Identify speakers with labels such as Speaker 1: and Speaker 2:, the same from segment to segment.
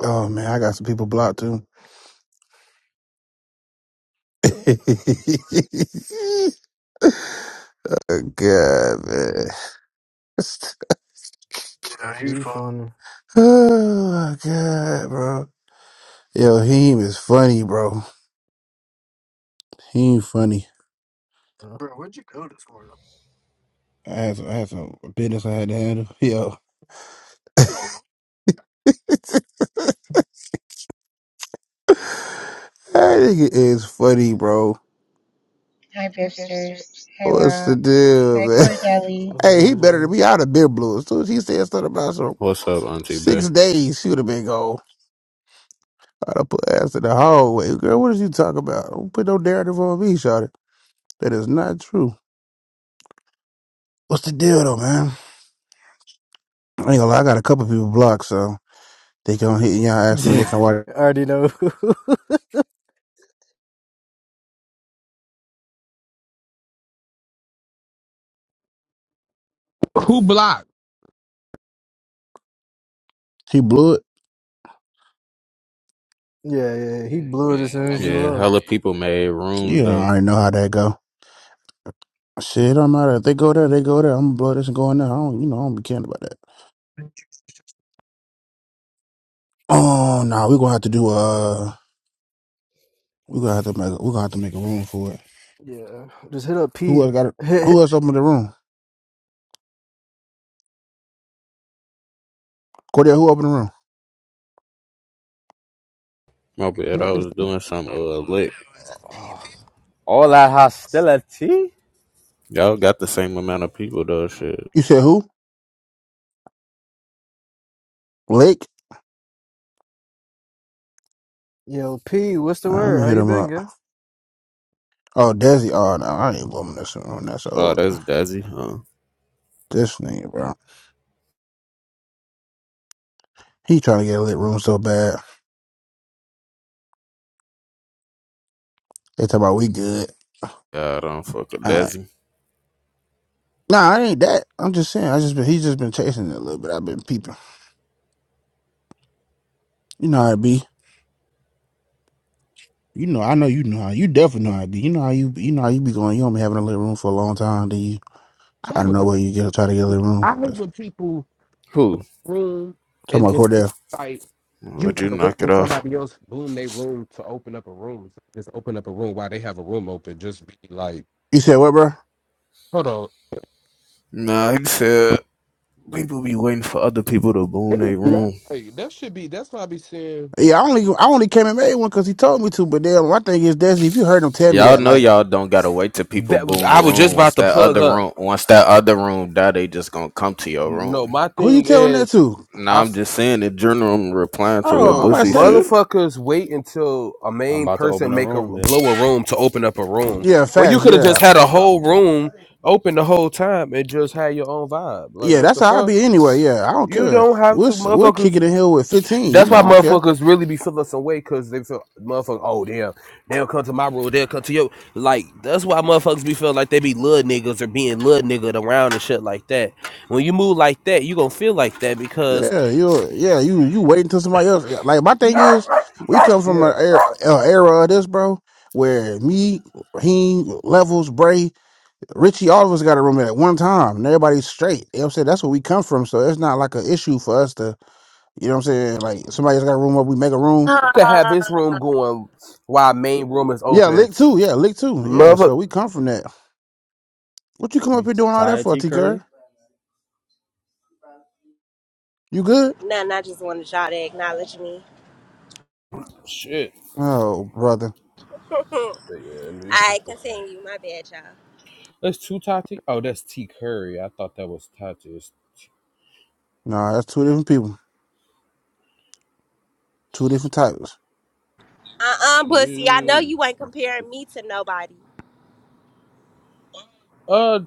Speaker 1: Oh man, I got some people blocked too. God, man. Yeah,
Speaker 2: Are
Speaker 1: you
Speaker 2: you
Speaker 1: fun.
Speaker 2: funny?
Speaker 1: Oh my god, bro. Yo, he is funny, bro. He funny.
Speaker 2: Uh,
Speaker 1: Bro, where'd you go this morning? I had some, I had some business I had to handle. Yo, that nigga is funny, bro.
Speaker 3: Hi, Biffsters. Hi,
Speaker 1: What's
Speaker 3: Rob.
Speaker 1: the deal,
Speaker 3: Hi,
Speaker 1: man?
Speaker 3: Cordelli.
Speaker 2: What's
Speaker 1: Hey, he
Speaker 2: good,
Speaker 1: better than me. I'd
Speaker 2: Janice?
Speaker 1: have been blue. As soon as he said something about some
Speaker 4: What's up, Auntie Bay?
Speaker 1: six days, she would have been gone. I done put ass in the hallway. Girl, what is you talking about? Don't put no narrative on me, shawty. That is not true. What's the deal though, man? I ain't gonna lie, I got a couple people blocked, so they gonna hit y'all ask them they can
Speaker 2: Yeah,
Speaker 1: watch.
Speaker 2: I already know.
Speaker 5: Who blocked?
Speaker 1: He blew it.
Speaker 2: yeah, yeah, he blew it as soon as you
Speaker 4: Yeah,
Speaker 2: left.
Speaker 4: hella people made rooms
Speaker 1: You don't
Speaker 4: though.
Speaker 1: already know how that go. Shit, I'm out of If They go there, they go there. I'm gonna blow this and go in there. I don't, you know, I don't be caring about that. Oh no, we gonna have to do uh we gonna have to make we gonna have to make a room for it.
Speaker 2: Yeah, just hit up
Speaker 1: Who
Speaker 2: Pete.
Speaker 1: else got it?
Speaker 2: Hit, hit.
Speaker 1: Who else opened the room? Cordell, who opened the room?
Speaker 4: My bad, I was doing some uh lick.
Speaker 6: All that hostility.
Speaker 4: Y'all got the same amount of people though. Shit.
Speaker 1: You said who? Lake?
Speaker 2: Yo, Pete, what's the
Speaker 1: All right, let
Speaker 2: word?
Speaker 1: me
Speaker 2: How
Speaker 1: hit
Speaker 2: you
Speaker 1: him
Speaker 2: been,
Speaker 1: up.
Speaker 2: gang?
Speaker 1: Oh, Desi. Oh, no, I ain't woman this room. That's
Speaker 4: Oh,
Speaker 1: old.
Speaker 4: that's Dazzy, huh?
Speaker 1: This nigga, bro. He trying to get a lit room so bad. They talk about we good.
Speaker 4: God, I don't fuck with
Speaker 1: Uh,
Speaker 4: Dazzy.
Speaker 1: nah, I ain't that. I'm just saying. I just been. He's just been chasing it a little bit. I've been peeping. You know how it be. You know. I know you know how. You definitely know how it be. You know how you. You know how you be going. You don't be having a lit room for a long time. Do you? So
Speaker 5: I
Speaker 1: I
Speaker 5: hate
Speaker 1: don't
Speaker 5: when,
Speaker 1: know where you get try to get a lit room.
Speaker 5: I hate
Speaker 1: That's,
Speaker 5: when people
Speaker 4: Who?
Speaker 5: room
Speaker 1: talking
Speaker 5: and
Speaker 1: about
Speaker 5: just
Speaker 1: Cordell.
Speaker 5: like you
Speaker 4: Would you
Speaker 5: gotta wait
Speaker 4: knock
Speaker 5: for
Speaker 4: it off?
Speaker 5: somebody else boom they room to open up a room. so Just open up a room while they have a room open. Just be like,
Speaker 1: You said what, bro?
Speaker 5: hold on.
Speaker 4: Nah, he said people be waiting for other people to boom
Speaker 5: It is
Speaker 4: their
Speaker 5: not-
Speaker 4: room.
Speaker 5: like, that should be that's why I be saying
Speaker 1: Yeah, I only I only came and made one because he told me to. But then my thing is, Desi, if you heard him tell me
Speaker 4: Y'all
Speaker 1: that,
Speaker 4: know
Speaker 1: like,
Speaker 4: y'all don't gotta wait till people
Speaker 5: That was,
Speaker 4: boom the
Speaker 5: I was just
Speaker 4: room.
Speaker 5: about
Speaker 4: Once
Speaker 5: to
Speaker 4: that
Speaker 5: plug
Speaker 4: other
Speaker 5: up.
Speaker 4: room, once that other room die, they just gonna come to your
Speaker 5: No,
Speaker 4: room.
Speaker 5: my
Speaker 1: who you
Speaker 5: thing
Speaker 4: They,
Speaker 1: telling that
Speaker 5: is,
Speaker 1: to?
Speaker 5: I
Speaker 4: now
Speaker 5: f-
Speaker 4: I'm just saying in general. I'm replying to
Speaker 1: Oh,
Speaker 4: what
Speaker 1: I'm
Speaker 5: No,
Speaker 1: about to
Speaker 4: Bussy
Speaker 1: say
Speaker 4: said.
Speaker 1: you.
Speaker 5: motherfuckers wait until a
Speaker 6: I'm
Speaker 5: main
Speaker 6: about to open
Speaker 5: person
Speaker 6: a
Speaker 5: make a
Speaker 6: room then.
Speaker 5: blow a room to open up a room.
Speaker 1: Yeah,
Speaker 5: When you
Speaker 1: facts.
Speaker 5: could have
Speaker 1: Yeah,
Speaker 5: just had a
Speaker 6: I'm-
Speaker 5: whole room open the whole time and just had your own vibe. Like
Speaker 1: yeah.
Speaker 5: what
Speaker 1: That's
Speaker 5: the
Speaker 1: how I
Speaker 5: fuck?
Speaker 1: be anyway. Yeah, I don't
Speaker 5: You
Speaker 1: care.
Speaker 5: don't have
Speaker 1: We're
Speaker 5: to
Speaker 1: we're
Speaker 5: motherfuckers
Speaker 1: kicking the hill with fifteen. You
Speaker 5: that's
Speaker 1: know,
Speaker 5: why
Speaker 1: I don't care.
Speaker 5: motherfuckers really be feeling some way cause they feel motherfuckers, oh damn, they'll come to my room, they'll come to your like that's why motherfuckers be feeling like they be little niggas or being little nigga around and shit like that. When you move like that, you gonna feel like that because
Speaker 1: Yeah, you. Yeah, you. You wait until somebody else. yeah, Like my thing
Speaker 5: yeah.
Speaker 1: is, we come from an era, a era of this, bro, where me, he, levels, Bray, Richie, all of us got a roommate at one time, and everybody's straight. You know what I'm saying? That's where we come from, so it's not like an issue for us to. You know what I'm saying? Like somebody else got a room up, we make a room.
Speaker 5: could have
Speaker 7: Uh,
Speaker 5: his room going while main room is
Speaker 1: Yeah,
Speaker 5: open.
Speaker 1: lick too. Yeah, lick too. Yeah,
Speaker 5: Mother
Speaker 1: so we come from that. What you come up
Speaker 6: you
Speaker 1: here
Speaker 6: t-
Speaker 1: doing all that
Speaker 6: tired,
Speaker 1: for,
Speaker 6: T.
Speaker 1: T. Curry?
Speaker 6: Curry?
Speaker 1: You good?
Speaker 7: nothing. I just wanted y'all to acknowledge me.
Speaker 5: shit.
Speaker 1: Oh, brother.
Speaker 5: But yeah, and these
Speaker 7: I
Speaker 5: people
Speaker 7: continue. My bad, y'all.
Speaker 5: That's two Tati. Oh, that's T Curry. I thought that was Tati. It's T-
Speaker 1: Nah, that's two different people. Two different types.
Speaker 7: Uh uh pussy. I know
Speaker 5: Ew.
Speaker 7: you ain't comparing me to nobody.
Speaker 5: Uh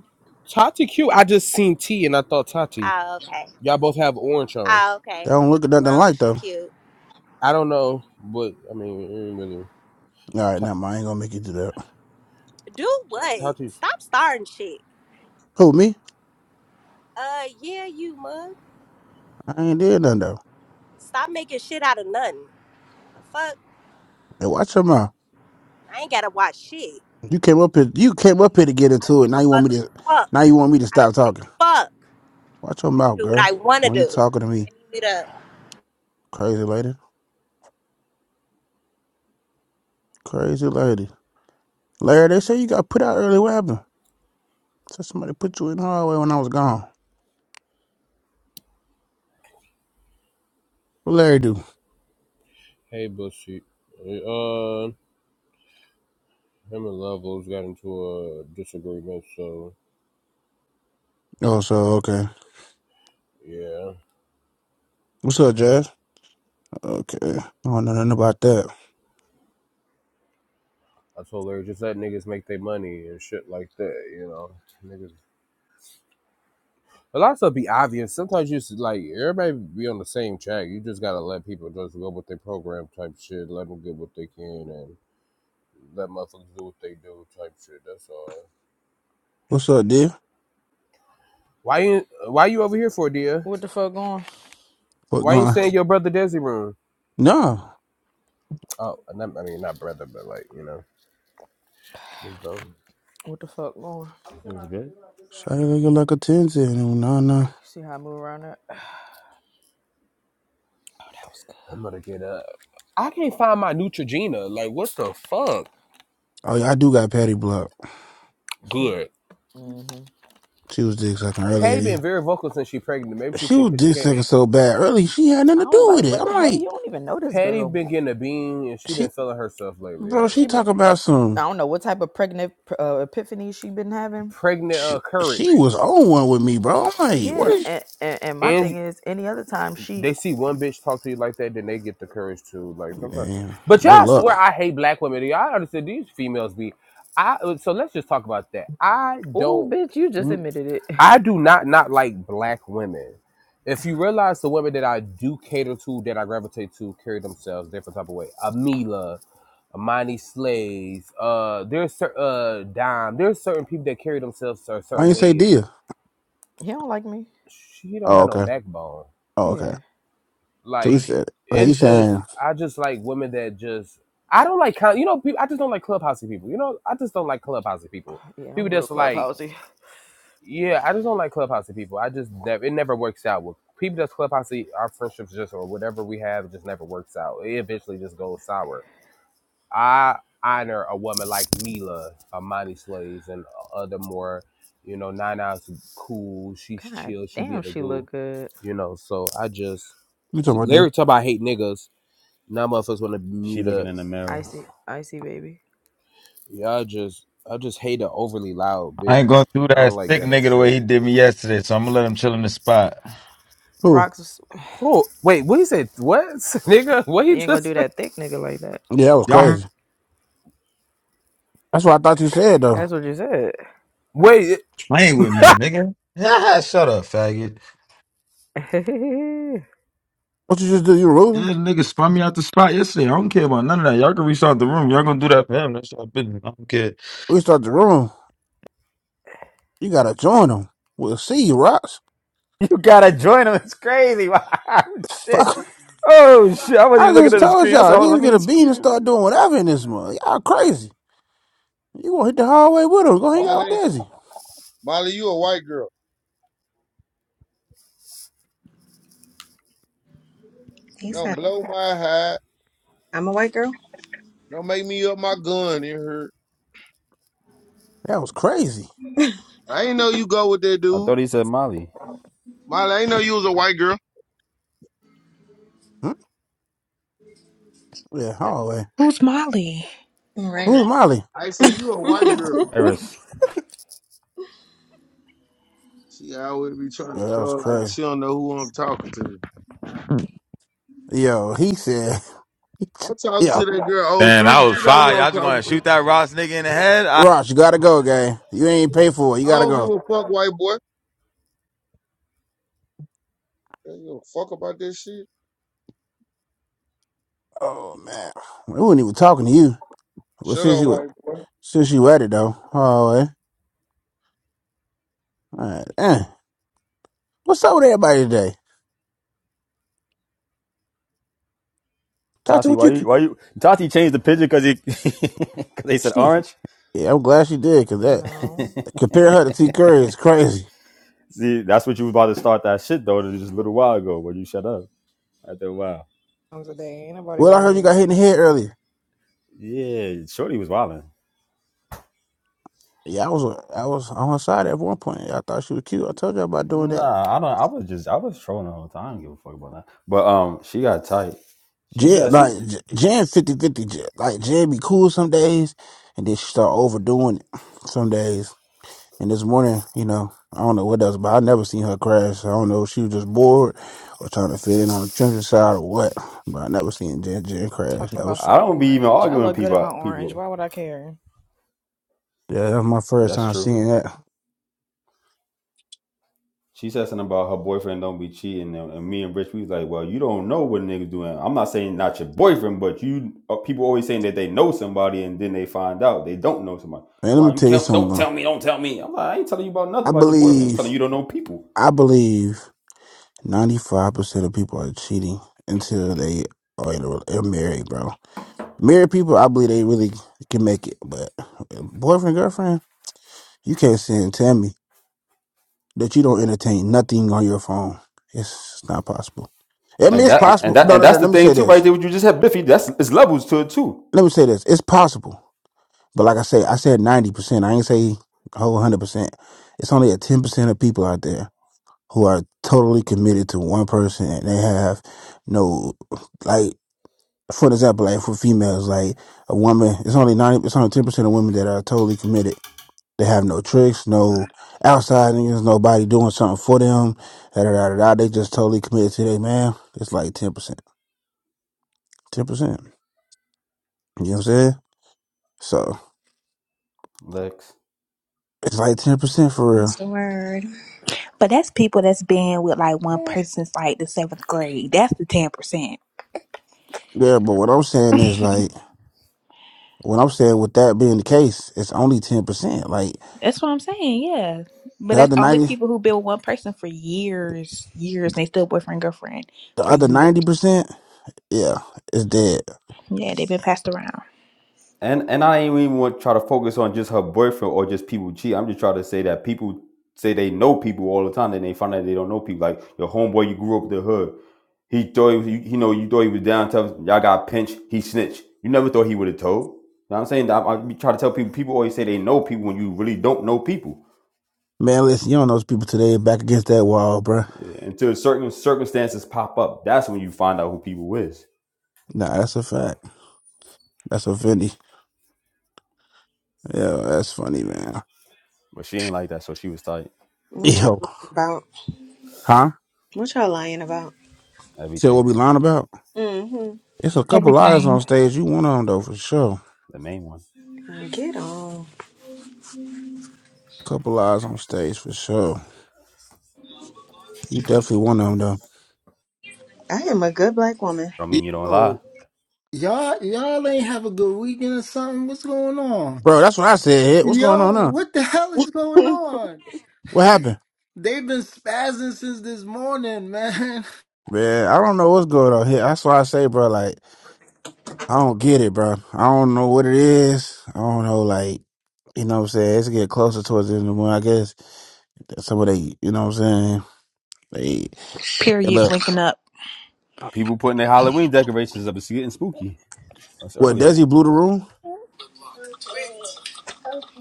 Speaker 5: Tati Q. I just seen T and I thought Tati.
Speaker 7: Ah, okay.
Speaker 5: Y'all both have orange on.
Speaker 7: Ah,
Speaker 1: They
Speaker 7: okay.
Speaker 1: don't look at nothing
Speaker 7: Long as
Speaker 1: like
Speaker 7: she
Speaker 1: though.
Speaker 7: cute.
Speaker 5: I don't know, but I mean it ain't really
Speaker 1: All right,
Speaker 5: Ta-
Speaker 1: now I ain't gonna make you do that.
Speaker 7: Do what?
Speaker 5: Tati's
Speaker 7: Stop starting shit.
Speaker 1: Who me?
Speaker 7: Uh, yeah, you mug.
Speaker 1: I ain't did nothing though.
Speaker 7: Stop making shit out of nothing. The fuck.
Speaker 1: Hey, watch your mouth.
Speaker 7: I ain't gotta watch shit.
Speaker 1: You came up here. You came up here to get
Speaker 7: I don't
Speaker 1: into it.
Speaker 7: give
Speaker 1: Now
Speaker 7: a
Speaker 1: you want
Speaker 7: mother
Speaker 1: me to. Now
Speaker 7: fuck.
Speaker 1: you want me to
Speaker 7: I don't
Speaker 1: stop
Speaker 7: give
Speaker 1: talking.
Speaker 7: a fuck.
Speaker 1: Watch your
Speaker 7: I can
Speaker 1: mouth,
Speaker 7: do what I
Speaker 1: girl.
Speaker 7: wanna
Speaker 1: Why you
Speaker 7: do.
Speaker 1: talking to me,
Speaker 7: Let me meet up.
Speaker 1: crazy lady? Crazy lady. Larry, they say you got put out early. What happened? Said somebody put you in the hallway when I was gone. What Larry do?
Speaker 5: hey bullshit. Uh him and Levels got into a disagreement, so
Speaker 1: Oh, so okay.
Speaker 5: yeah.
Speaker 1: What's up, Jazz? Okay. I don't know nothing about that.
Speaker 5: I told her just let niggas make their money and shit like that, you know. Niggas. A lot of stuff be obvious. Sometimes you just like everybody be on the same track. You just gotta let people just go with their program type shit. Let them get what they can and let motherfuckers do what they do type shit. That's all.
Speaker 1: What's up, dear?
Speaker 5: Why you Why you over here for, dear?
Speaker 8: What the fuck going?
Speaker 1: What
Speaker 5: Why you
Speaker 1: going?
Speaker 5: staying in your brother Desi room?
Speaker 1: No.
Speaker 5: Oh, not, I mean not brother, but like you know, just don't.
Speaker 8: What the fuck going?
Speaker 6: It was good.
Speaker 1: Shawty looking like a 10 ten. nah. No, no.
Speaker 8: See how I move around that? Oh, that was
Speaker 5: I'm gonna get up. I can't find my Neutrogena. Like what the fuck?
Speaker 1: Oh, yeah, I do got Patty Block.
Speaker 8: good.
Speaker 5: Good.
Speaker 8: hmm
Speaker 1: She was dick sucking earlier.
Speaker 5: Patty been very vocal since she pregnant. Maybe she
Speaker 1: She
Speaker 5: think
Speaker 1: was
Speaker 5: cause she
Speaker 1: dick
Speaker 5: can't.
Speaker 1: sucking so bad early, she had nothing to
Speaker 8: I was
Speaker 1: do with
Speaker 8: like,
Speaker 1: it.
Speaker 8: what
Speaker 1: I'm
Speaker 8: the hell?
Speaker 1: like,
Speaker 8: You don't even know this
Speaker 5: Patty
Speaker 8: girl.
Speaker 5: been getting a bean and she been
Speaker 1: she,
Speaker 5: feeling herself lately. I
Speaker 1: bro,
Speaker 5: ain't
Speaker 1: she
Speaker 8: She
Speaker 5: gonna
Speaker 8: been.
Speaker 5: lie.
Speaker 1: talking about
Speaker 8: I
Speaker 1: some,
Speaker 8: don't know what type of pregnant uh, epiphany she been having.
Speaker 5: Pregnant
Speaker 1: she,
Speaker 5: uh,
Speaker 1: she
Speaker 5: courage.
Speaker 1: was on one with me, bro. I'm like, what
Speaker 8: Yeah,
Speaker 1: is,
Speaker 8: and, and and my
Speaker 5: And
Speaker 8: thing is, any other time she,
Speaker 5: they see one bitch talk to you like that, then they get the courage to like sometimes.
Speaker 8: mm,
Speaker 1: damn,
Speaker 5: But
Speaker 1: good
Speaker 5: y'all swear
Speaker 1: luck.
Speaker 5: I hate black women. Y'all understand these females be. I so let's just talk about that. I
Speaker 8: oh
Speaker 5: don't.
Speaker 8: bitch, you just admitted it.
Speaker 5: I do not not like black women. If you realize the women that I do cater to, that I gravitate to, carry themselves different type of way. Amila, Amani Slays. Uh, there's cer- uh Dime. There's certain people that carry themselves a
Speaker 1: Why
Speaker 5: certain
Speaker 1: you say
Speaker 5: way.
Speaker 1: deal?
Speaker 8: He don't like me.
Speaker 5: She don't
Speaker 1: Oh,
Speaker 5: have no
Speaker 1: okay.
Speaker 5: backbone.
Speaker 1: Oh, okay.
Speaker 8: Yeah,
Speaker 1: So you
Speaker 5: Like
Speaker 1: said, like, you
Speaker 5: it's just
Speaker 1: saying,
Speaker 5: I just like women that just I don't like kind- you know people, I just don't like clubhousey people. You know I just don't like clubhousey people.
Speaker 8: yeah, I'm
Speaker 5: People
Speaker 8: real
Speaker 5: that's like
Speaker 8: clubhousey.
Speaker 5: yeah I just don't like clubhousey people. I just never it never works out with people that's clubhousey. Our friendships just or whatever we have it just never works out. It eventually just goes sour I honor a woman like Mila, Amani Slaves, and other more, you know, Nine Hours cool. She's
Speaker 8: God
Speaker 5: chill. She be
Speaker 8: damn,
Speaker 5: a the
Speaker 8: she
Speaker 5: goo,
Speaker 8: look good.
Speaker 5: you know. So I just
Speaker 1: you
Speaker 5: t-
Speaker 1: talking about deal?
Speaker 5: Larry talk about hate niggas. Now motherfuckers want to
Speaker 6: She
Speaker 5: mute
Speaker 6: looking
Speaker 5: up.
Speaker 6: in the mirror.
Speaker 8: Icy, icy baby.
Speaker 5: Y'all just I just hate an overly loud
Speaker 9: I ain't going
Speaker 5: bitch.
Speaker 9: to do
Speaker 5: I don't
Speaker 9: that
Speaker 5: like
Speaker 9: sick
Speaker 5: ghetto
Speaker 9: nigga the way he
Speaker 5: shit.
Speaker 9: did me yesterday, so I'm gonna let him chill in the spot.
Speaker 1: Who?
Speaker 8: Rocks,
Speaker 5: Who? Wait, what he said? What, nigga? What
Speaker 8: you
Speaker 5: he
Speaker 8: ain't gonna do
Speaker 5: just?
Speaker 8: that thick nigga like that.
Speaker 1: Yeah, that was
Speaker 9: Y'all
Speaker 1: crazy. That's what I thought you said, though.
Speaker 8: That's what you said.
Speaker 5: Wait,
Speaker 9: playing with me, nigga. Yeah, shut up, faggot.
Speaker 1: What you just do, you
Speaker 9: Yeah,
Speaker 1: room?
Speaker 9: nigga spun me out the spot yesterday. I don't care about none of that. Y'all can reach out the room. Y'all gonna do that for him. That's y'all business. I don't care.
Speaker 1: We start the room. You gotta join them. We'll see you, Rock.
Speaker 6: You gotta join them. It's crazy. Wow, shit.
Speaker 1: Fuck.
Speaker 6: Oh shit. I wasn't
Speaker 1: I
Speaker 6: even looking
Speaker 1: just
Speaker 6: at the
Speaker 1: told
Speaker 6: screen. I said,
Speaker 1: y'all,
Speaker 6: hold on, let
Speaker 1: niggas get
Speaker 6: me
Speaker 1: a bean and
Speaker 6: screen.
Speaker 1: start doing whatever in this month. Y'all crazy. You gonna hit the hallway with him. Go hang out with
Speaker 10: Molly,
Speaker 1: Desi.
Speaker 10: Molly, you a white girl.
Speaker 11: He
Speaker 10: Don't
Speaker 11: said,
Speaker 10: blow my hide.
Speaker 11: I'm a white girl.
Speaker 10: Don't make me up my gun in her.
Speaker 1: That was crazy.
Speaker 10: I ain't know you go with that
Speaker 6: I
Speaker 10: dude.
Speaker 6: thought he said Molly.
Speaker 10: Molly, I ain't know you was a white girl.
Speaker 1: Hmm? Yeah, hallway.
Speaker 12: Who's Molly?
Speaker 11: Right.
Speaker 1: Who's Molly?
Speaker 10: I said you a white girl.
Speaker 6: Iris.
Speaker 10: She always be trying
Speaker 1: Yo,
Speaker 10: to
Speaker 1: that was
Speaker 10: show like
Speaker 1: crazy.
Speaker 10: she don't know who I'm talking to.
Speaker 1: Yo, he said,
Speaker 10: I'm talking to
Speaker 1: yo,
Speaker 10: that girl Oh
Speaker 13: Man, I
Speaker 10: three, She
Speaker 13: was
Speaker 10: know who
Speaker 13: fine.
Speaker 10: I'm
Speaker 13: Y'all just
Speaker 10: talking
Speaker 13: gonna
Speaker 10: to.
Speaker 13: shoot that Ross nigga in the head? All
Speaker 1: Ross, you gotta go, gang. You ain't pay for it. You
Speaker 10: I
Speaker 1: gotta
Speaker 10: don't give
Speaker 1: go.
Speaker 10: a fuck, white boy. I don't give a fuck about this shit.
Speaker 1: Oh, man. We wasn't even talking to you. Well,
Speaker 10: Shut
Speaker 1: since
Speaker 10: up,
Speaker 1: you,
Speaker 10: white boy.
Speaker 1: since you at it, though, hallway. All right, eh. What's up with everybody today? Talk to
Speaker 6: Tati,
Speaker 1: what
Speaker 6: why
Speaker 1: you
Speaker 6: you
Speaker 1: can.
Speaker 6: why you Tati changed the picture because he cause they said
Speaker 1: Shit.
Speaker 6: orange?
Speaker 1: Yeah, I'm glad she did, because that,
Speaker 14: No,
Speaker 1: compare her to T. Curry is crazy.
Speaker 6: See, that's what you was about to start that shit though just a little while ago when you shut up. I thought, wow.
Speaker 14: times a day. Ain't nobody
Speaker 1: Well, I heard you
Speaker 14: worried.
Speaker 1: got hit in the head earlier.
Speaker 6: Yeah, Shorty was wilding.
Speaker 1: Yeah, I was I was on her side at one point. Yeah, I thought she was cute. I told you about doing that.
Speaker 6: Nah, I don't. I was just, I was trolling the whole time. I don't give a fuck about that. But um, she got tight. She
Speaker 1: Jen,
Speaker 6: said
Speaker 1: like
Speaker 6: she.
Speaker 1: J- Jen, 50 fifty. Jen. Like Jen be cool some days, and then she start overdoing it some days. And this morning, you know, I don't know what else, but I never seen her crash. I don't know if she was just bored or trying to fit in on the children's side or what. But I never seen Jen Jen crash.
Speaker 14: Talking
Speaker 1: That
Speaker 14: about
Speaker 1: was
Speaker 6: I
Speaker 14: some
Speaker 6: don't be even
Speaker 14: orange. I
Speaker 6: arguing with
Speaker 14: look good in my
Speaker 6: people.
Speaker 14: orange.
Speaker 6: People.
Speaker 14: Why would I care?
Speaker 1: yeah, that was my first
Speaker 6: That's
Speaker 1: time
Speaker 6: true.
Speaker 1: seeing that.
Speaker 6: She said something about her boyfriend don't be cheating, and, and me and Rich we was like, well, you don't know what niggas doing. I'm not saying not your boyfriend, but you uh, people always saying that they know somebody and then they find out they don't know somebody.
Speaker 1: And let me
Speaker 6: Well, you
Speaker 1: tell you
Speaker 6: can't. Don't
Speaker 1: something. uh,
Speaker 6: tell me. Don't tell me. I'm like, I ain't telling you about nothing
Speaker 1: I
Speaker 6: about your boyfriend. I'm
Speaker 1: believe
Speaker 6: telling you you don't know people.
Speaker 1: I believe. Ninety-five percent of people are cheating until they are in a, rel- are married, bro. Married people, I believe they really can make it, but boyfriend, girlfriend, you can't sit and tell me that you don't entertain nothing on your phone. It's not possible. I mean,
Speaker 6: And
Speaker 1: it's
Speaker 6: that and
Speaker 1: possible.
Speaker 6: that
Speaker 1: No,
Speaker 6: and
Speaker 1: no, no.
Speaker 6: that's the
Speaker 1: Let me
Speaker 6: thing
Speaker 1: say
Speaker 6: too, right
Speaker 1: this.
Speaker 6: there. What you just had, Biffy. That's it's levels to it too.
Speaker 1: Let me say this. It's possible, but like I say, I said ninety percent. I ain't say a whole hundred percent. It's only a ten percent of people out there who are totally committed to one person and they have no like. for example, like for females, like a woman, it's only ninety, it's only ten percent of women that are totally committed. They have no tricks, no outside niggas, nobody doing something for them. Da, da, da, da, da. They just totally committed to their man. It's like ten percent, ten percent. You know what I'm saying? So
Speaker 6: Lex.
Speaker 1: it's like ten percent for real.
Speaker 15: That's the word.
Speaker 12: But that's people that's been with like one person since like the seventh grade. That's the ten percent.
Speaker 1: Yeah, but what I'm saying is like what I'm saying with that being the case, it's only ten percent. Like
Speaker 12: That's what I'm saying, yeah. But
Speaker 1: the
Speaker 12: that's
Speaker 1: other
Speaker 12: only
Speaker 1: ninety,
Speaker 12: people who been with one person for years, years, and they still boyfriend, girlfriend
Speaker 1: the
Speaker 12: for
Speaker 1: other ninety
Speaker 12: years.
Speaker 1: percent, yeah, it's dead.
Speaker 12: Yeah, they've been passed around.
Speaker 6: And and I ain't even want to try to focus on just her boyfriend or just people cheat. I'm just trying to say that people say they know people all the time, then they find out they don't know people. Like your homeboy, you grew up in the hood. He thought he, was, you, you know you thought he was down tough. Y'all got pinched. He snitched. You never thought he would have told. You know what I'm saying? I, I try to tell people. People always say they know people when you really don't know people.
Speaker 1: Man, listen, you don't know those people today back against that wall, bruh.
Speaker 6: Yeah, until certain circumstances pop up, that's when you find out who people is.
Speaker 1: Nah, that's a fact. That's a funny. Yeah, that's funny, man.
Speaker 6: But she ain't like that, so she was tight.
Speaker 11: What y'all
Speaker 1: Yo,
Speaker 11: lying about?
Speaker 1: huh?
Speaker 11: What y'all lying about?
Speaker 1: So
Speaker 6: Everything.
Speaker 1: what we lying about?
Speaker 11: hmm
Speaker 1: It's a couple liars on
Speaker 12: Everything.
Speaker 1: stage. You one of them though, for sure.
Speaker 6: The main one.
Speaker 11: Get on.
Speaker 1: Couple liars on stage for sure. You definitely one of them though,
Speaker 11: I am a good black woman.
Speaker 6: Don't mean you don't lie.
Speaker 16: Yo, y'all, y'all ain't have a good weekend or something. What's going on?
Speaker 1: bro. That's what I said. Hit. What's going
Speaker 16: Yo,
Speaker 1: on now?
Speaker 16: what the hell is going on?
Speaker 1: What happened,
Speaker 16: They've been spazzing since this morning, man.
Speaker 1: man? I don't know what's going on here. That's why I say, bro. Like. I don't get it, bro. I don't know what it is. I don't know, like, you know what I'm saying? It's getting closer towards the end of the month. I guess That's some of they, you know what I'm saying? They, and
Speaker 12: Periods
Speaker 1: look,
Speaker 12: linking up.
Speaker 6: People putting their Halloween decorations up. It's getting spooky. That's
Speaker 1: what,
Speaker 6: early.
Speaker 1: Desi blew the room?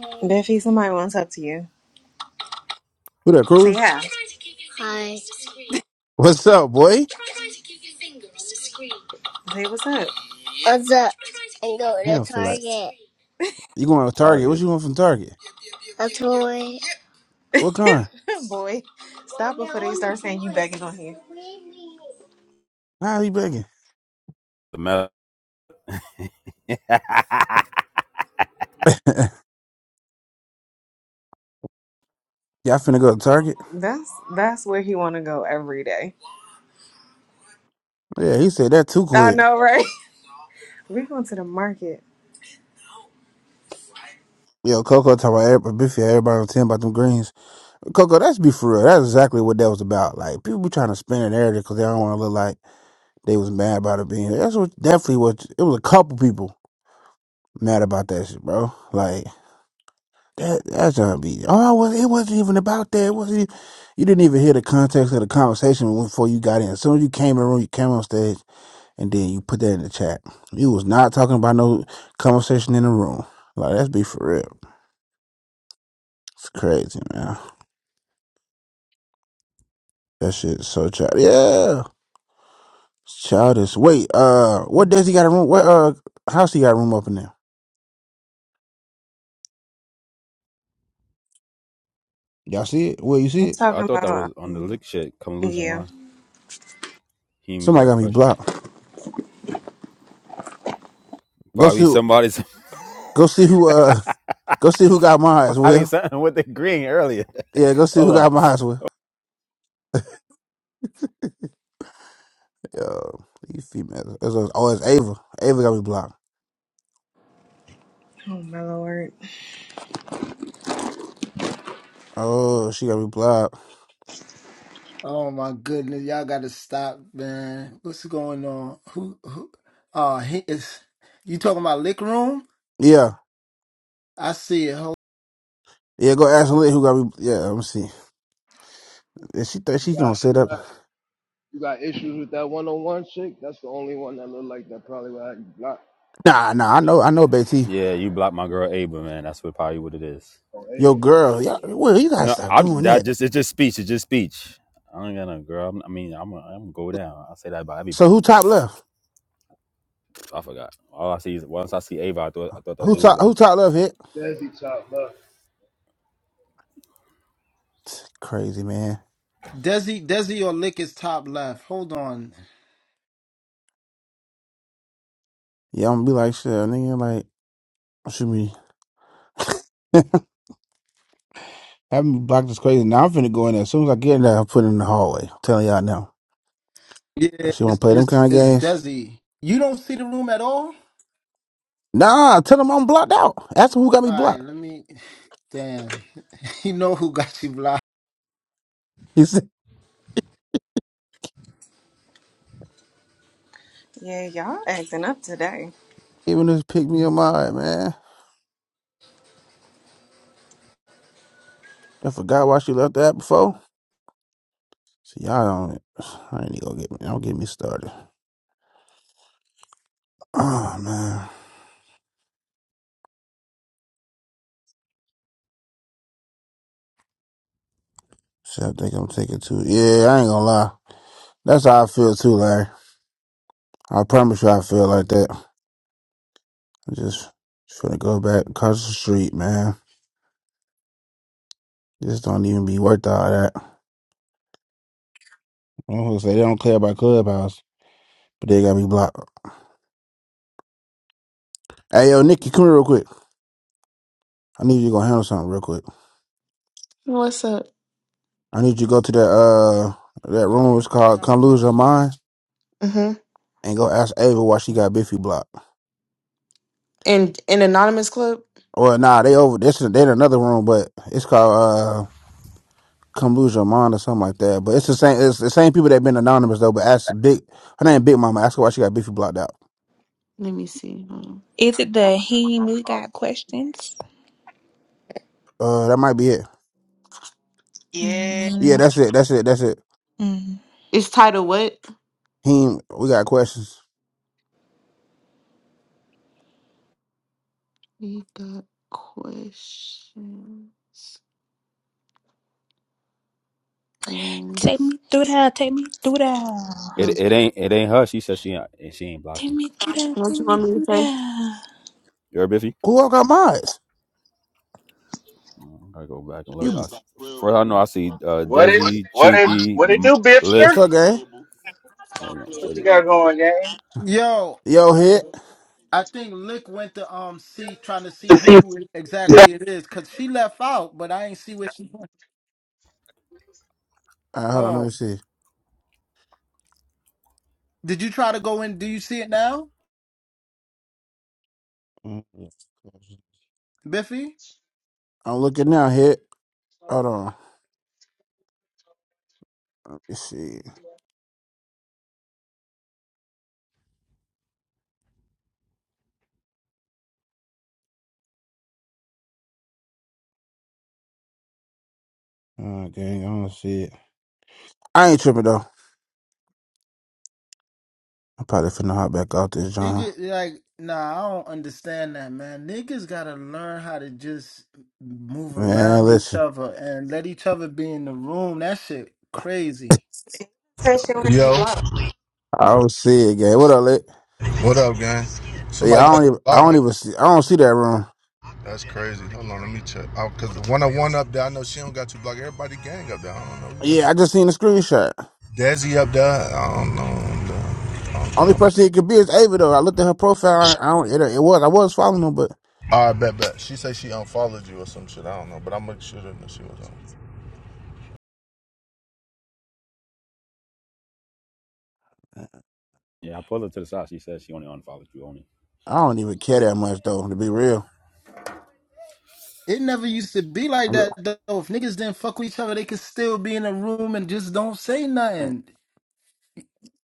Speaker 11: Biffy, somebody wants to talk to you.
Speaker 1: Who that,
Speaker 11: Say
Speaker 1: Cruz?
Speaker 11: yeah. Hi.
Speaker 1: What's up, boy?
Speaker 11: Say what's up. What's up? And go
Speaker 1: I
Speaker 11: to
Speaker 1: don't feel like.
Speaker 11: Target.
Speaker 1: You going to Target? What
Speaker 6: Target.
Speaker 1: you want from Target?
Speaker 11: A toy.
Speaker 1: What kind?
Speaker 11: Boy, stop before they start saying you begging on here.
Speaker 1: Nah, he begging.
Speaker 6: The mess. I
Speaker 1: Y'all finna go to Target?
Speaker 11: That's that's where he wanna go every day.
Speaker 1: Yeah, he said that too
Speaker 11: I
Speaker 1: quick.
Speaker 11: know, right? We're going to the market.
Speaker 1: Yo, Coco talking about everybody, Biffy, everybody on 10 about them greens. Coco, that's be for real. That's exactly what that was about. Like, people be trying to spin an area because they don't want to look like. They was mad about it being that's what definitely what it was a couple people mad about that shit, bro. Like that that's gonna be oh well it wasn't even about that. It wasn't even, you didn't even hear the context of the conversation before you got in. As soon as you came in the room, you came on stage and then you put that in the chat. You was not talking about no conversation in the room. Like let's be for real. It's crazy, man. That shit is so childish. Yeah. It's Childish. Wait, uh what does he got a room what uh house he got a room up in there? Y'all see it? Where you
Speaker 11: He's
Speaker 1: see it?
Speaker 11: talking
Speaker 6: thought that
Speaker 11: about
Speaker 6: was on the
Speaker 11: um,
Speaker 6: lick shit. Come lose your
Speaker 11: yeah.
Speaker 6: mind. He and me
Speaker 1: Somebody
Speaker 6: got
Speaker 1: got me
Speaker 6: questions.
Speaker 1: blocked. Go
Speaker 6: Probably
Speaker 1: see,
Speaker 6: somebody's
Speaker 1: go see who, uh, go see who got mine.
Speaker 6: probably
Speaker 1: Will.
Speaker 6: something with the green earlier.
Speaker 1: Yeah, go see who
Speaker 6: Hold on.
Speaker 1: got mine. Will. Yo, these females. It's a, oh, it's Ava. Ava got me blocked.
Speaker 11: Oh my lord.
Speaker 1: Oh, she got me blocked.
Speaker 16: Oh my goodness, y'all gotta stop, man. What's going on? Who, who? Uh, he is. You talking about lick room?
Speaker 1: Yeah,
Speaker 16: I see it. Hold,
Speaker 1: yeah. Go ask Lynn who got me. Yeah, let me see. Is she think she
Speaker 17: You got
Speaker 1: gonna sit
Speaker 17: you
Speaker 1: up?
Speaker 17: got you got issues with that one on one chick? That's the only one that looked like that probably would have you blocked
Speaker 1: Nah, nah. I know, I know, Betty.
Speaker 6: Yeah, you blocked my girl Ava, man. That's what probably what it is.
Speaker 17: Oh,
Speaker 1: Yo,
Speaker 17: Ava. Oh,
Speaker 1: girl. Yeah,
Speaker 17: Shit.
Speaker 1: well, you gotta
Speaker 6: No,
Speaker 1: stop
Speaker 6: I
Speaker 1: doing
Speaker 6: that
Speaker 1: that.
Speaker 6: just it's just speech. It's just speech. I don't got no girl. I'm, I mean, I'm gonna- I'm gonna go down. I say that about
Speaker 1: So
Speaker 6: everybody.
Speaker 1: who top left?
Speaker 6: I forgot. All I see is once I see Ava, I thought I thought that's
Speaker 1: Who
Speaker 6: who it
Speaker 17: Des-
Speaker 1: top? Who
Speaker 6: was.
Speaker 1: top left? Hit
Speaker 17: Desi chopped up.
Speaker 1: crazy man.
Speaker 16: Desi, Desi, or lick is top left. Hold on.
Speaker 1: Yeah, I'm gonna be like shit, nigga. Like shoot me. Having blocked is crazy. Now I'm finna go in there. As soon as I get in there, I'm putting in the hallway. I'm telling y'all now.
Speaker 16: Yeah,
Speaker 1: She wanna
Speaker 16: it's
Speaker 1: play them
Speaker 16: it's
Speaker 1: kind of
Speaker 16: it's
Speaker 1: games?
Speaker 16: Desi. You don't see the room at all.
Speaker 1: Nah, tell them I'm blocked out. Ask them who got me
Speaker 16: All right,
Speaker 1: blocked.
Speaker 16: let me. Damn, you know who got you blocked?
Speaker 1: He said,
Speaker 11: Yeah, y'all acting up today.
Speaker 1: even just pick me up my eye, man. I forgot why she left that before. See, y'all don't, I ain't gonna get me, don't get me started. Oh, man. Shit, I think I'm taking too, yeah, I ain't gonna lie. That's how I feel too, Larry. I promise you I feel like that. I just, just finna go back across the street, man. Just don't even be worth all that. I'm gonna say they don't play about clubhouse, but they got me blocked. Hey yo, Nikki, come here real quick. I need you to go handle something real quick.
Speaker 18: What's up?
Speaker 1: I need you to go to that uh that room.
Speaker 14: Damn, I
Speaker 1: It's
Speaker 14: forgot
Speaker 1: called
Speaker 14: I
Speaker 1: "Come
Speaker 14: was
Speaker 1: Lose
Speaker 14: on
Speaker 1: Your
Speaker 14: here.
Speaker 1: Mind"
Speaker 18: Uh-huh.
Speaker 1: and go ask Ava why she got Biffy blocked.
Speaker 18: And an anonymous club?
Speaker 1: Or nah, they over. This is they in another room, but it's called uh "Come Lose Your Mind" or something like that. But it's the same. It's the same people that been anonymous though. But ask Big. Her name Big Mama. Ask her why she got Biffy blocked out.
Speaker 18: Let me see. Hold on.
Speaker 12: Is it the he and me got questions?
Speaker 1: Uh, that might be it.
Speaker 18: Yeah.
Speaker 1: Yeah,
Speaker 12: mm
Speaker 1: that's it. That's it. That's it.
Speaker 12: mm.
Speaker 18: It's titled what?
Speaker 1: He. ain't- We got questions.
Speaker 18: We got questions.
Speaker 12: Take
Speaker 18: Rooms.
Speaker 12: me through that, take me through that.
Speaker 6: It
Speaker 18: Mm.
Speaker 6: it ain't it ain't her. She said she ain't- and she ain't block
Speaker 12: Take
Speaker 6: you.
Speaker 12: me through that, take
Speaker 18: What you
Speaker 12: me
Speaker 18: want
Speaker 6: So
Speaker 18: me to
Speaker 12: through
Speaker 18: say?
Speaker 12: that.
Speaker 6: You heard Biffy?
Speaker 1: Who all got mods?
Speaker 6: I gotta go back and look. I,
Speaker 1: You.
Speaker 6: s- f- first, I know I see uh,
Speaker 19: What it
Speaker 6: Desi,
Speaker 19: what it
Speaker 6: Chinky,
Speaker 19: what it
Speaker 6: M-
Speaker 19: do,
Speaker 1: What's
Speaker 19: Bipster?
Speaker 6: Lick.
Speaker 1: up, gang?
Speaker 6: Hold on,
Speaker 19: What you
Speaker 6: Desi,
Speaker 19: got
Speaker 6: Chinky, Lick.
Speaker 19: going, gang?
Speaker 16: Yo,
Speaker 1: Yo, hit.
Speaker 16: I think Lick went to um see trying to see who exactly it is because she left out, but I ain't see where she went.
Speaker 1: All right, hold on. Let me
Speaker 16: Oh,
Speaker 1: see.
Speaker 16: did you try to go in? Do you see it now,
Speaker 1: Mm,
Speaker 16: Biffy?
Speaker 1: I'm looking now. Hit. Hold on. Let me see. Oh, dang. I don't see it. I ain't tripping though. I'm probably finna hop back out this John.
Speaker 16: Nigga, like, nah, I don't understand that, man. Niggas gotta learn how to just move
Speaker 1: Man,
Speaker 16: around each
Speaker 1: listen.
Speaker 16: other and let each other be in the room. That shit crazy.
Speaker 11: Session where you
Speaker 20: Yo,
Speaker 11: blow.
Speaker 1: I don't see it, gang. What up, lit?
Speaker 20: what up, gang? Somebody
Speaker 1: Yeah, I
Speaker 20: got you
Speaker 1: don't even. I
Speaker 20: blocked,
Speaker 1: don't
Speaker 20: bitch?
Speaker 1: even see. I don't see that room.
Speaker 20: That's crazy. Hold on, let me check. Oh, Cause the one on one up there, I know she don't got you blocked. Everybody gang up there. I don't know. Who got
Speaker 1: Yeah, I just seen the screenshot.
Speaker 20: you. Desi up there. I don't know. i don't think
Speaker 1: Only
Speaker 20: I'm about.
Speaker 1: person it could be is Ava though. I looked at her profile. I don't. It, it was. I was following her, but
Speaker 20: All right, bet, bet. She say she unfollowed you or some shit. I don't know, but I'm make sure that she was on.
Speaker 6: Yeah, I pulled her to the side. She said she only unfollowed you only.
Speaker 1: I don't even care that much though. To be real,
Speaker 16: It never used to be like
Speaker 1: I
Speaker 16: that though. If niggas didn't fuck with each other, they could still be in a room and just don't say
Speaker 1: re-
Speaker 16: nothing.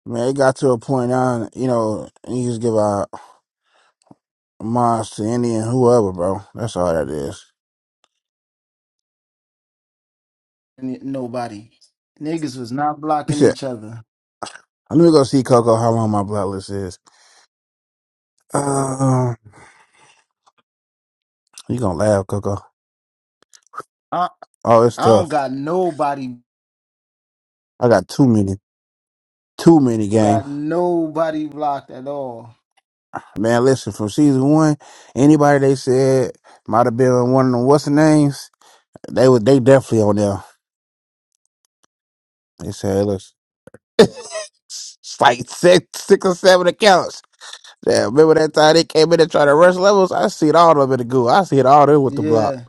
Speaker 1: man, it got to a point now. You know, and you just give out. Moss to Indian, whoever, bro. That's all that is.
Speaker 16: N- Nobody. Niggas was not
Speaker 1: You
Speaker 16: blocking
Speaker 1: said,
Speaker 16: each other.
Speaker 1: let me go see Coco how long my blacklist is. Um, you gonna laugh, Coco.
Speaker 16: I
Speaker 1: Oh, it's
Speaker 16: I don't
Speaker 1: tough.
Speaker 16: got nobody
Speaker 1: I got too many, too many game.
Speaker 16: got nobody blocked at all.
Speaker 1: Man, listen, from season one, anybody they said might have been one of them what's the names, they was they definitely on there. They said, listen, it's like six, six or seven accounts. Yeah, remember that time they came in and tried to rush levels? I see it all up in the goo. I see it all there with the block.
Speaker 16: Yeah.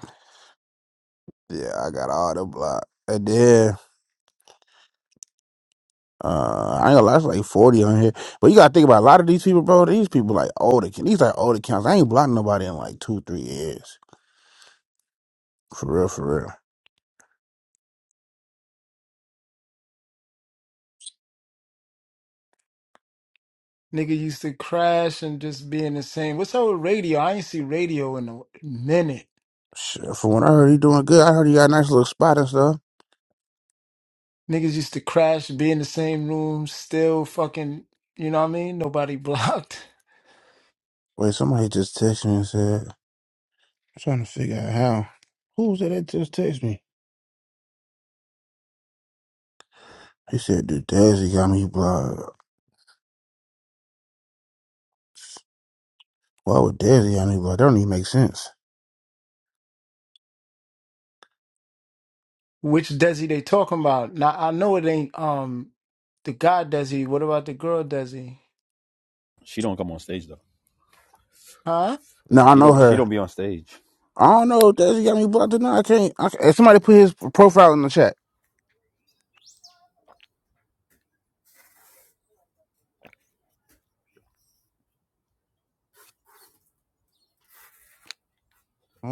Speaker 1: Yeah, I got all the block. And then uh, I ain't gonna lie, it's like forty on here. But you gotta think about a lot of these people, bro. These people like older accounts. These like old accounts. I ain't blocking nobody in like two, three years. For real, for real.
Speaker 16: Nigga used to crash and just be in the same. What's up with radio? I ain't see radio in a minute.
Speaker 1: Shit, for when I heard he doing good, I heard he got a nice little spot and stuff.
Speaker 16: Niggas used to crash, be in the same room, still fucking, you know what I mean? Nobody blocked.
Speaker 1: Wait, somebody just texted me and said, I'm trying to figure out how. Who was it that just texted me? He said, dude, Dazzy got me blocked. Why would Dazzy got me blocked? That don't even make sense.
Speaker 16: Which Desi they talking about? Now I know it ain't um the guy Desi. What about the girl Desi?
Speaker 6: She don't come on stage though.
Speaker 16: Huh?
Speaker 6: I
Speaker 1: No,
Speaker 6: said
Speaker 1: I
Speaker 6: she
Speaker 1: know
Speaker 6: don't. She
Speaker 1: her.
Speaker 6: don't be on stage.
Speaker 1: I don't know if Desi got me blocked or not. I can't. I, can't- somebody put his profile in the chat.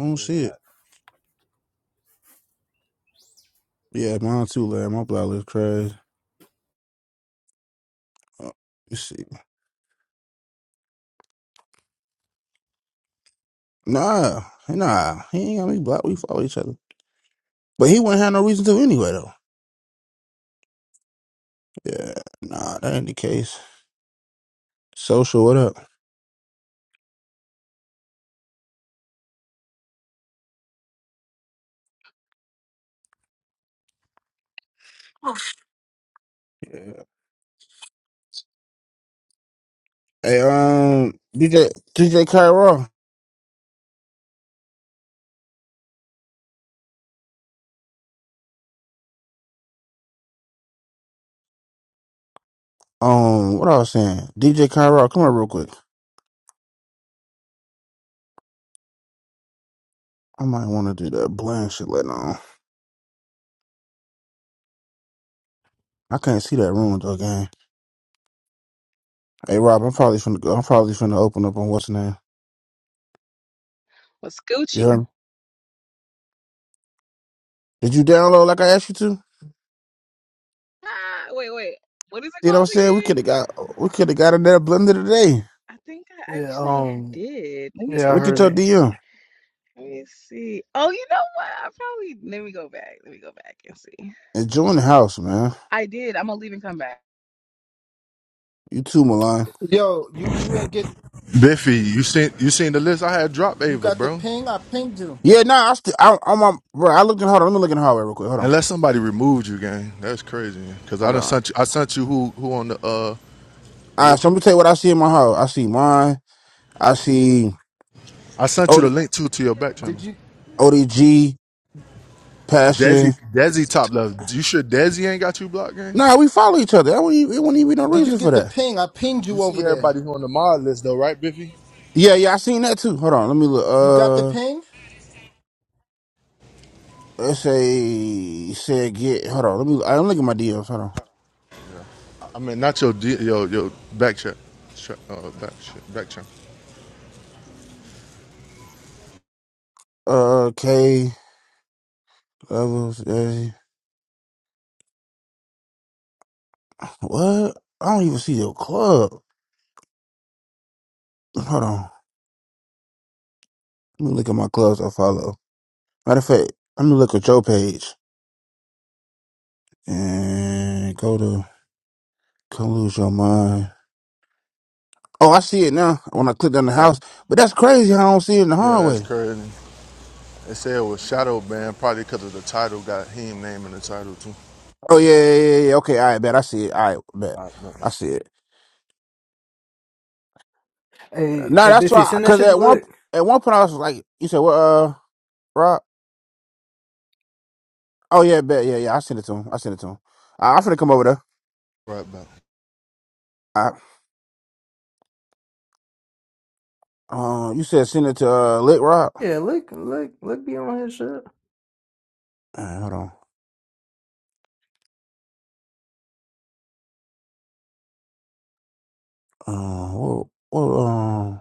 Speaker 6: What is that?
Speaker 1: shit. Yeah, mine too, lad. My block looks crazy. Uh, you see. Nah, nah. He ain't got me blocked. We follow each other. But he wouldn't have no reason to anyway though. Yeah. Nah, that ain't the case. Social, what up? Yeah. Hey, um, DJ DJ Kyra. Um, what I was saying? DJ Kyra, come here real quick. I might wanna do that blind shit later on. I can't see that room though, gang. Hey Rob, I'm probably finna go I'm probably finna open up on what's name.
Speaker 21: was
Speaker 1: You
Speaker 21: Gucci.
Speaker 1: heard me? Did you download like I asked you to?
Speaker 21: Ah, wait, wait. What is it
Speaker 1: You know what I'm
Speaker 21: called
Speaker 1: saying? We
Speaker 21: again?
Speaker 1: could have got we could have got another blender today.
Speaker 21: I think I
Speaker 2: Yeah,
Speaker 21: actually
Speaker 2: um,
Speaker 21: did. Let me
Speaker 1: So,
Speaker 2: yeah, I
Speaker 21: make
Speaker 1: Look
Speaker 21: sure.
Speaker 1: at
Speaker 2: heard
Speaker 1: your
Speaker 2: you.
Speaker 1: DM.
Speaker 21: Let me see. Oh, you know what? I probably. Let me go back. Let me go back and see.
Speaker 1: Enjoying the house, man.
Speaker 21: I did. I'm gonna leave and come back.
Speaker 1: You too, Milan.
Speaker 16: Yo, you you ain't get
Speaker 20: Biffy, you seen you seen the list I had dropped
Speaker 16: you
Speaker 20: Ava,
Speaker 16: got the
Speaker 20: bro.
Speaker 16: ping? I pinged you.
Speaker 1: Yeah, nah, I still I I'm on bro, I looked in hold on, let me look in the hallway real quick. Hold on.
Speaker 20: Unless somebody removed you, gang. That's crazy. Cause I
Speaker 1: Hold
Speaker 20: done
Speaker 1: on.
Speaker 20: sent you. I sent you who who on the uh the
Speaker 1: Alright,
Speaker 20: what
Speaker 1: so
Speaker 20: you.
Speaker 1: I'm gonna tell you what I see in my hall. I see mine, I see
Speaker 20: I sent you the
Speaker 1: OD,
Speaker 20: link to to your back channel.
Speaker 16: Did you
Speaker 1: ODG,
Speaker 20: Desi,
Speaker 1: Passion.
Speaker 20: Desi top left. You sure Desi ain't got you blocked, gang?
Speaker 1: Nah, we follow each other. That wouldn't even, it wouldn't even
Speaker 20: The
Speaker 1: be no
Speaker 16: did
Speaker 20: fuck?
Speaker 16: you
Speaker 1: reason for
Speaker 16: get the
Speaker 1: that.
Speaker 16: ping? I pinged
Speaker 20: You
Speaker 16: you
Speaker 20: see
Speaker 16: over there.
Speaker 20: everybody who on the mod list though, right, Biffy?
Speaker 1: Yeah, yeah, I seen that too. Hold on, let me look.
Speaker 16: You got the
Speaker 1: Uh
Speaker 16: ping?
Speaker 1: let's say said get hold on, let me I'm looking at my DMs, hold
Speaker 20: I mean, not your D, your your back check, check uh, back check, back check.
Speaker 1: on. Uh K levels. What? I don't even see your club. Hold on. Let me look at my clubs I follow. Matter of fact, let me look at your page and go to Come Lose Your Mind. Oh, I see it now when I clicked on the
Speaker 20: Yeah,
Speaker 1: house. But that's crazy how I don't see it in the
Speaker 20: yeah, that's
Speaker 1: hallway.
Speaker 20: crazy. They say it was shadow banned probably because of the title. Got him name in the title too.
Speaker 1: Oh, yeah, yeah, yeah. yeah. Okay, all right, bet. I see it. All right, bet.
Speaker 20: All right, back.
Speaker 1: I see it.
Speaker 2: Hey,
Speaker 1: No,
Speaker 2: hey,
Speaker 1: that's
Speaker 2: Biffy,
Speaker 1: why,
Speaker 2: send that
Speaker 1: because
Speaker 2: shit to
Speaker 1: at one
Speaker 2: Lick.
Speaker 1: at one point I was like, you said, what, uh, Rob? Oh, yeah, bet. Yeah, yeah. I sent it to him. I sent it to him. I, I'm finna come over there.
Speaker 20: Right back.
Speaker 1: I, uh, you said send it to uh, Lit Rob.
Speaker 2: Yeah, look, look, look, be on his shit.
Speaker 1: All right, hold on. Uh, what, what, uh,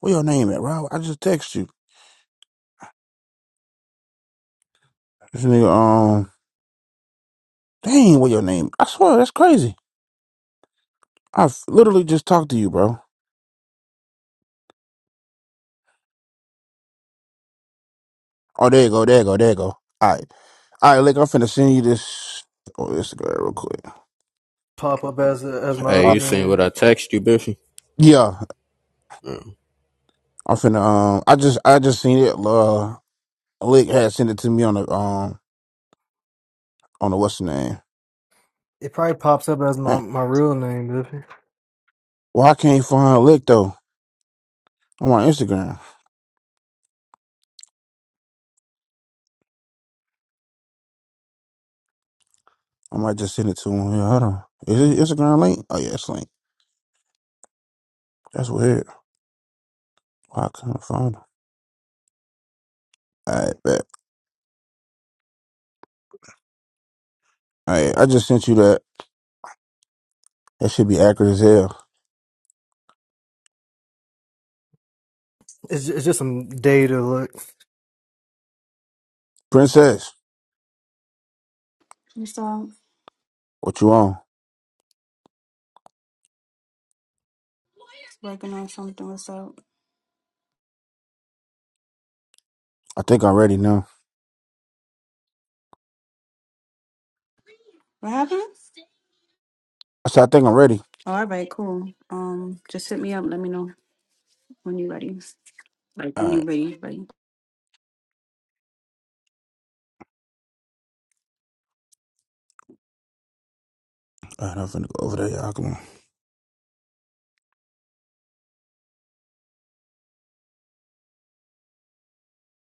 Speaker 1: what your name at, Rob? I just text you. This nigga, um, dang, what your name? I swear, that's crazy. I f- literally just talked to you, bro. Oh, there you go, there you go, there you go. All right, all right, Lick, I'm finna send you this on Instagram real quick.
Speaker 2: Pop up as as my
Speaker 4: Hey,
Speaker 2: other
Speaker 4: you seen what
Speaker 2: name.
Speaker 4: I text you, Biffy?
Speaker 1: Yeah,
Speaker 4: Yeah.
Speaker 1: I'm finna, um, I just, I just seen it. Uh, Lick had sent it to me on the, um, on the what's the name?
Speaker 2: It probably pops up as my
Speaker 1: Eh,
Speaker 2: my real name, Biffy.
Speaker 1: Well, I can't find Lick though. I'm on Instagram. I might just send it to him. Yeah, hold on. Is it Instagram link? Oh yeah, it's link. That's weird. Why I couldn't find her. All right, bet. All right, I just sent you that. That should be accurate as hell.
Speaker 2: It's ju- it's just some data look.
Speaker 1: Princess,
Speaker 22: What's up?
Speaker 1: what you on?
Speaker 22: Just working on something. What's up?
Speaker 1: I think I'm ready now.
Speaker 22: What happened?
Speaker 1: I said, I think I'm ready.
Speaker 22: Oh, all right, cool. Um, just hit me up. Let me know when you're ready. Like when
Speaker 1: All
Speaker 22: you're
Speaker 1: right.
Speaker 22: ready, ready.
Speaker 1: All right, I'm finna go over there, y'all. Come on.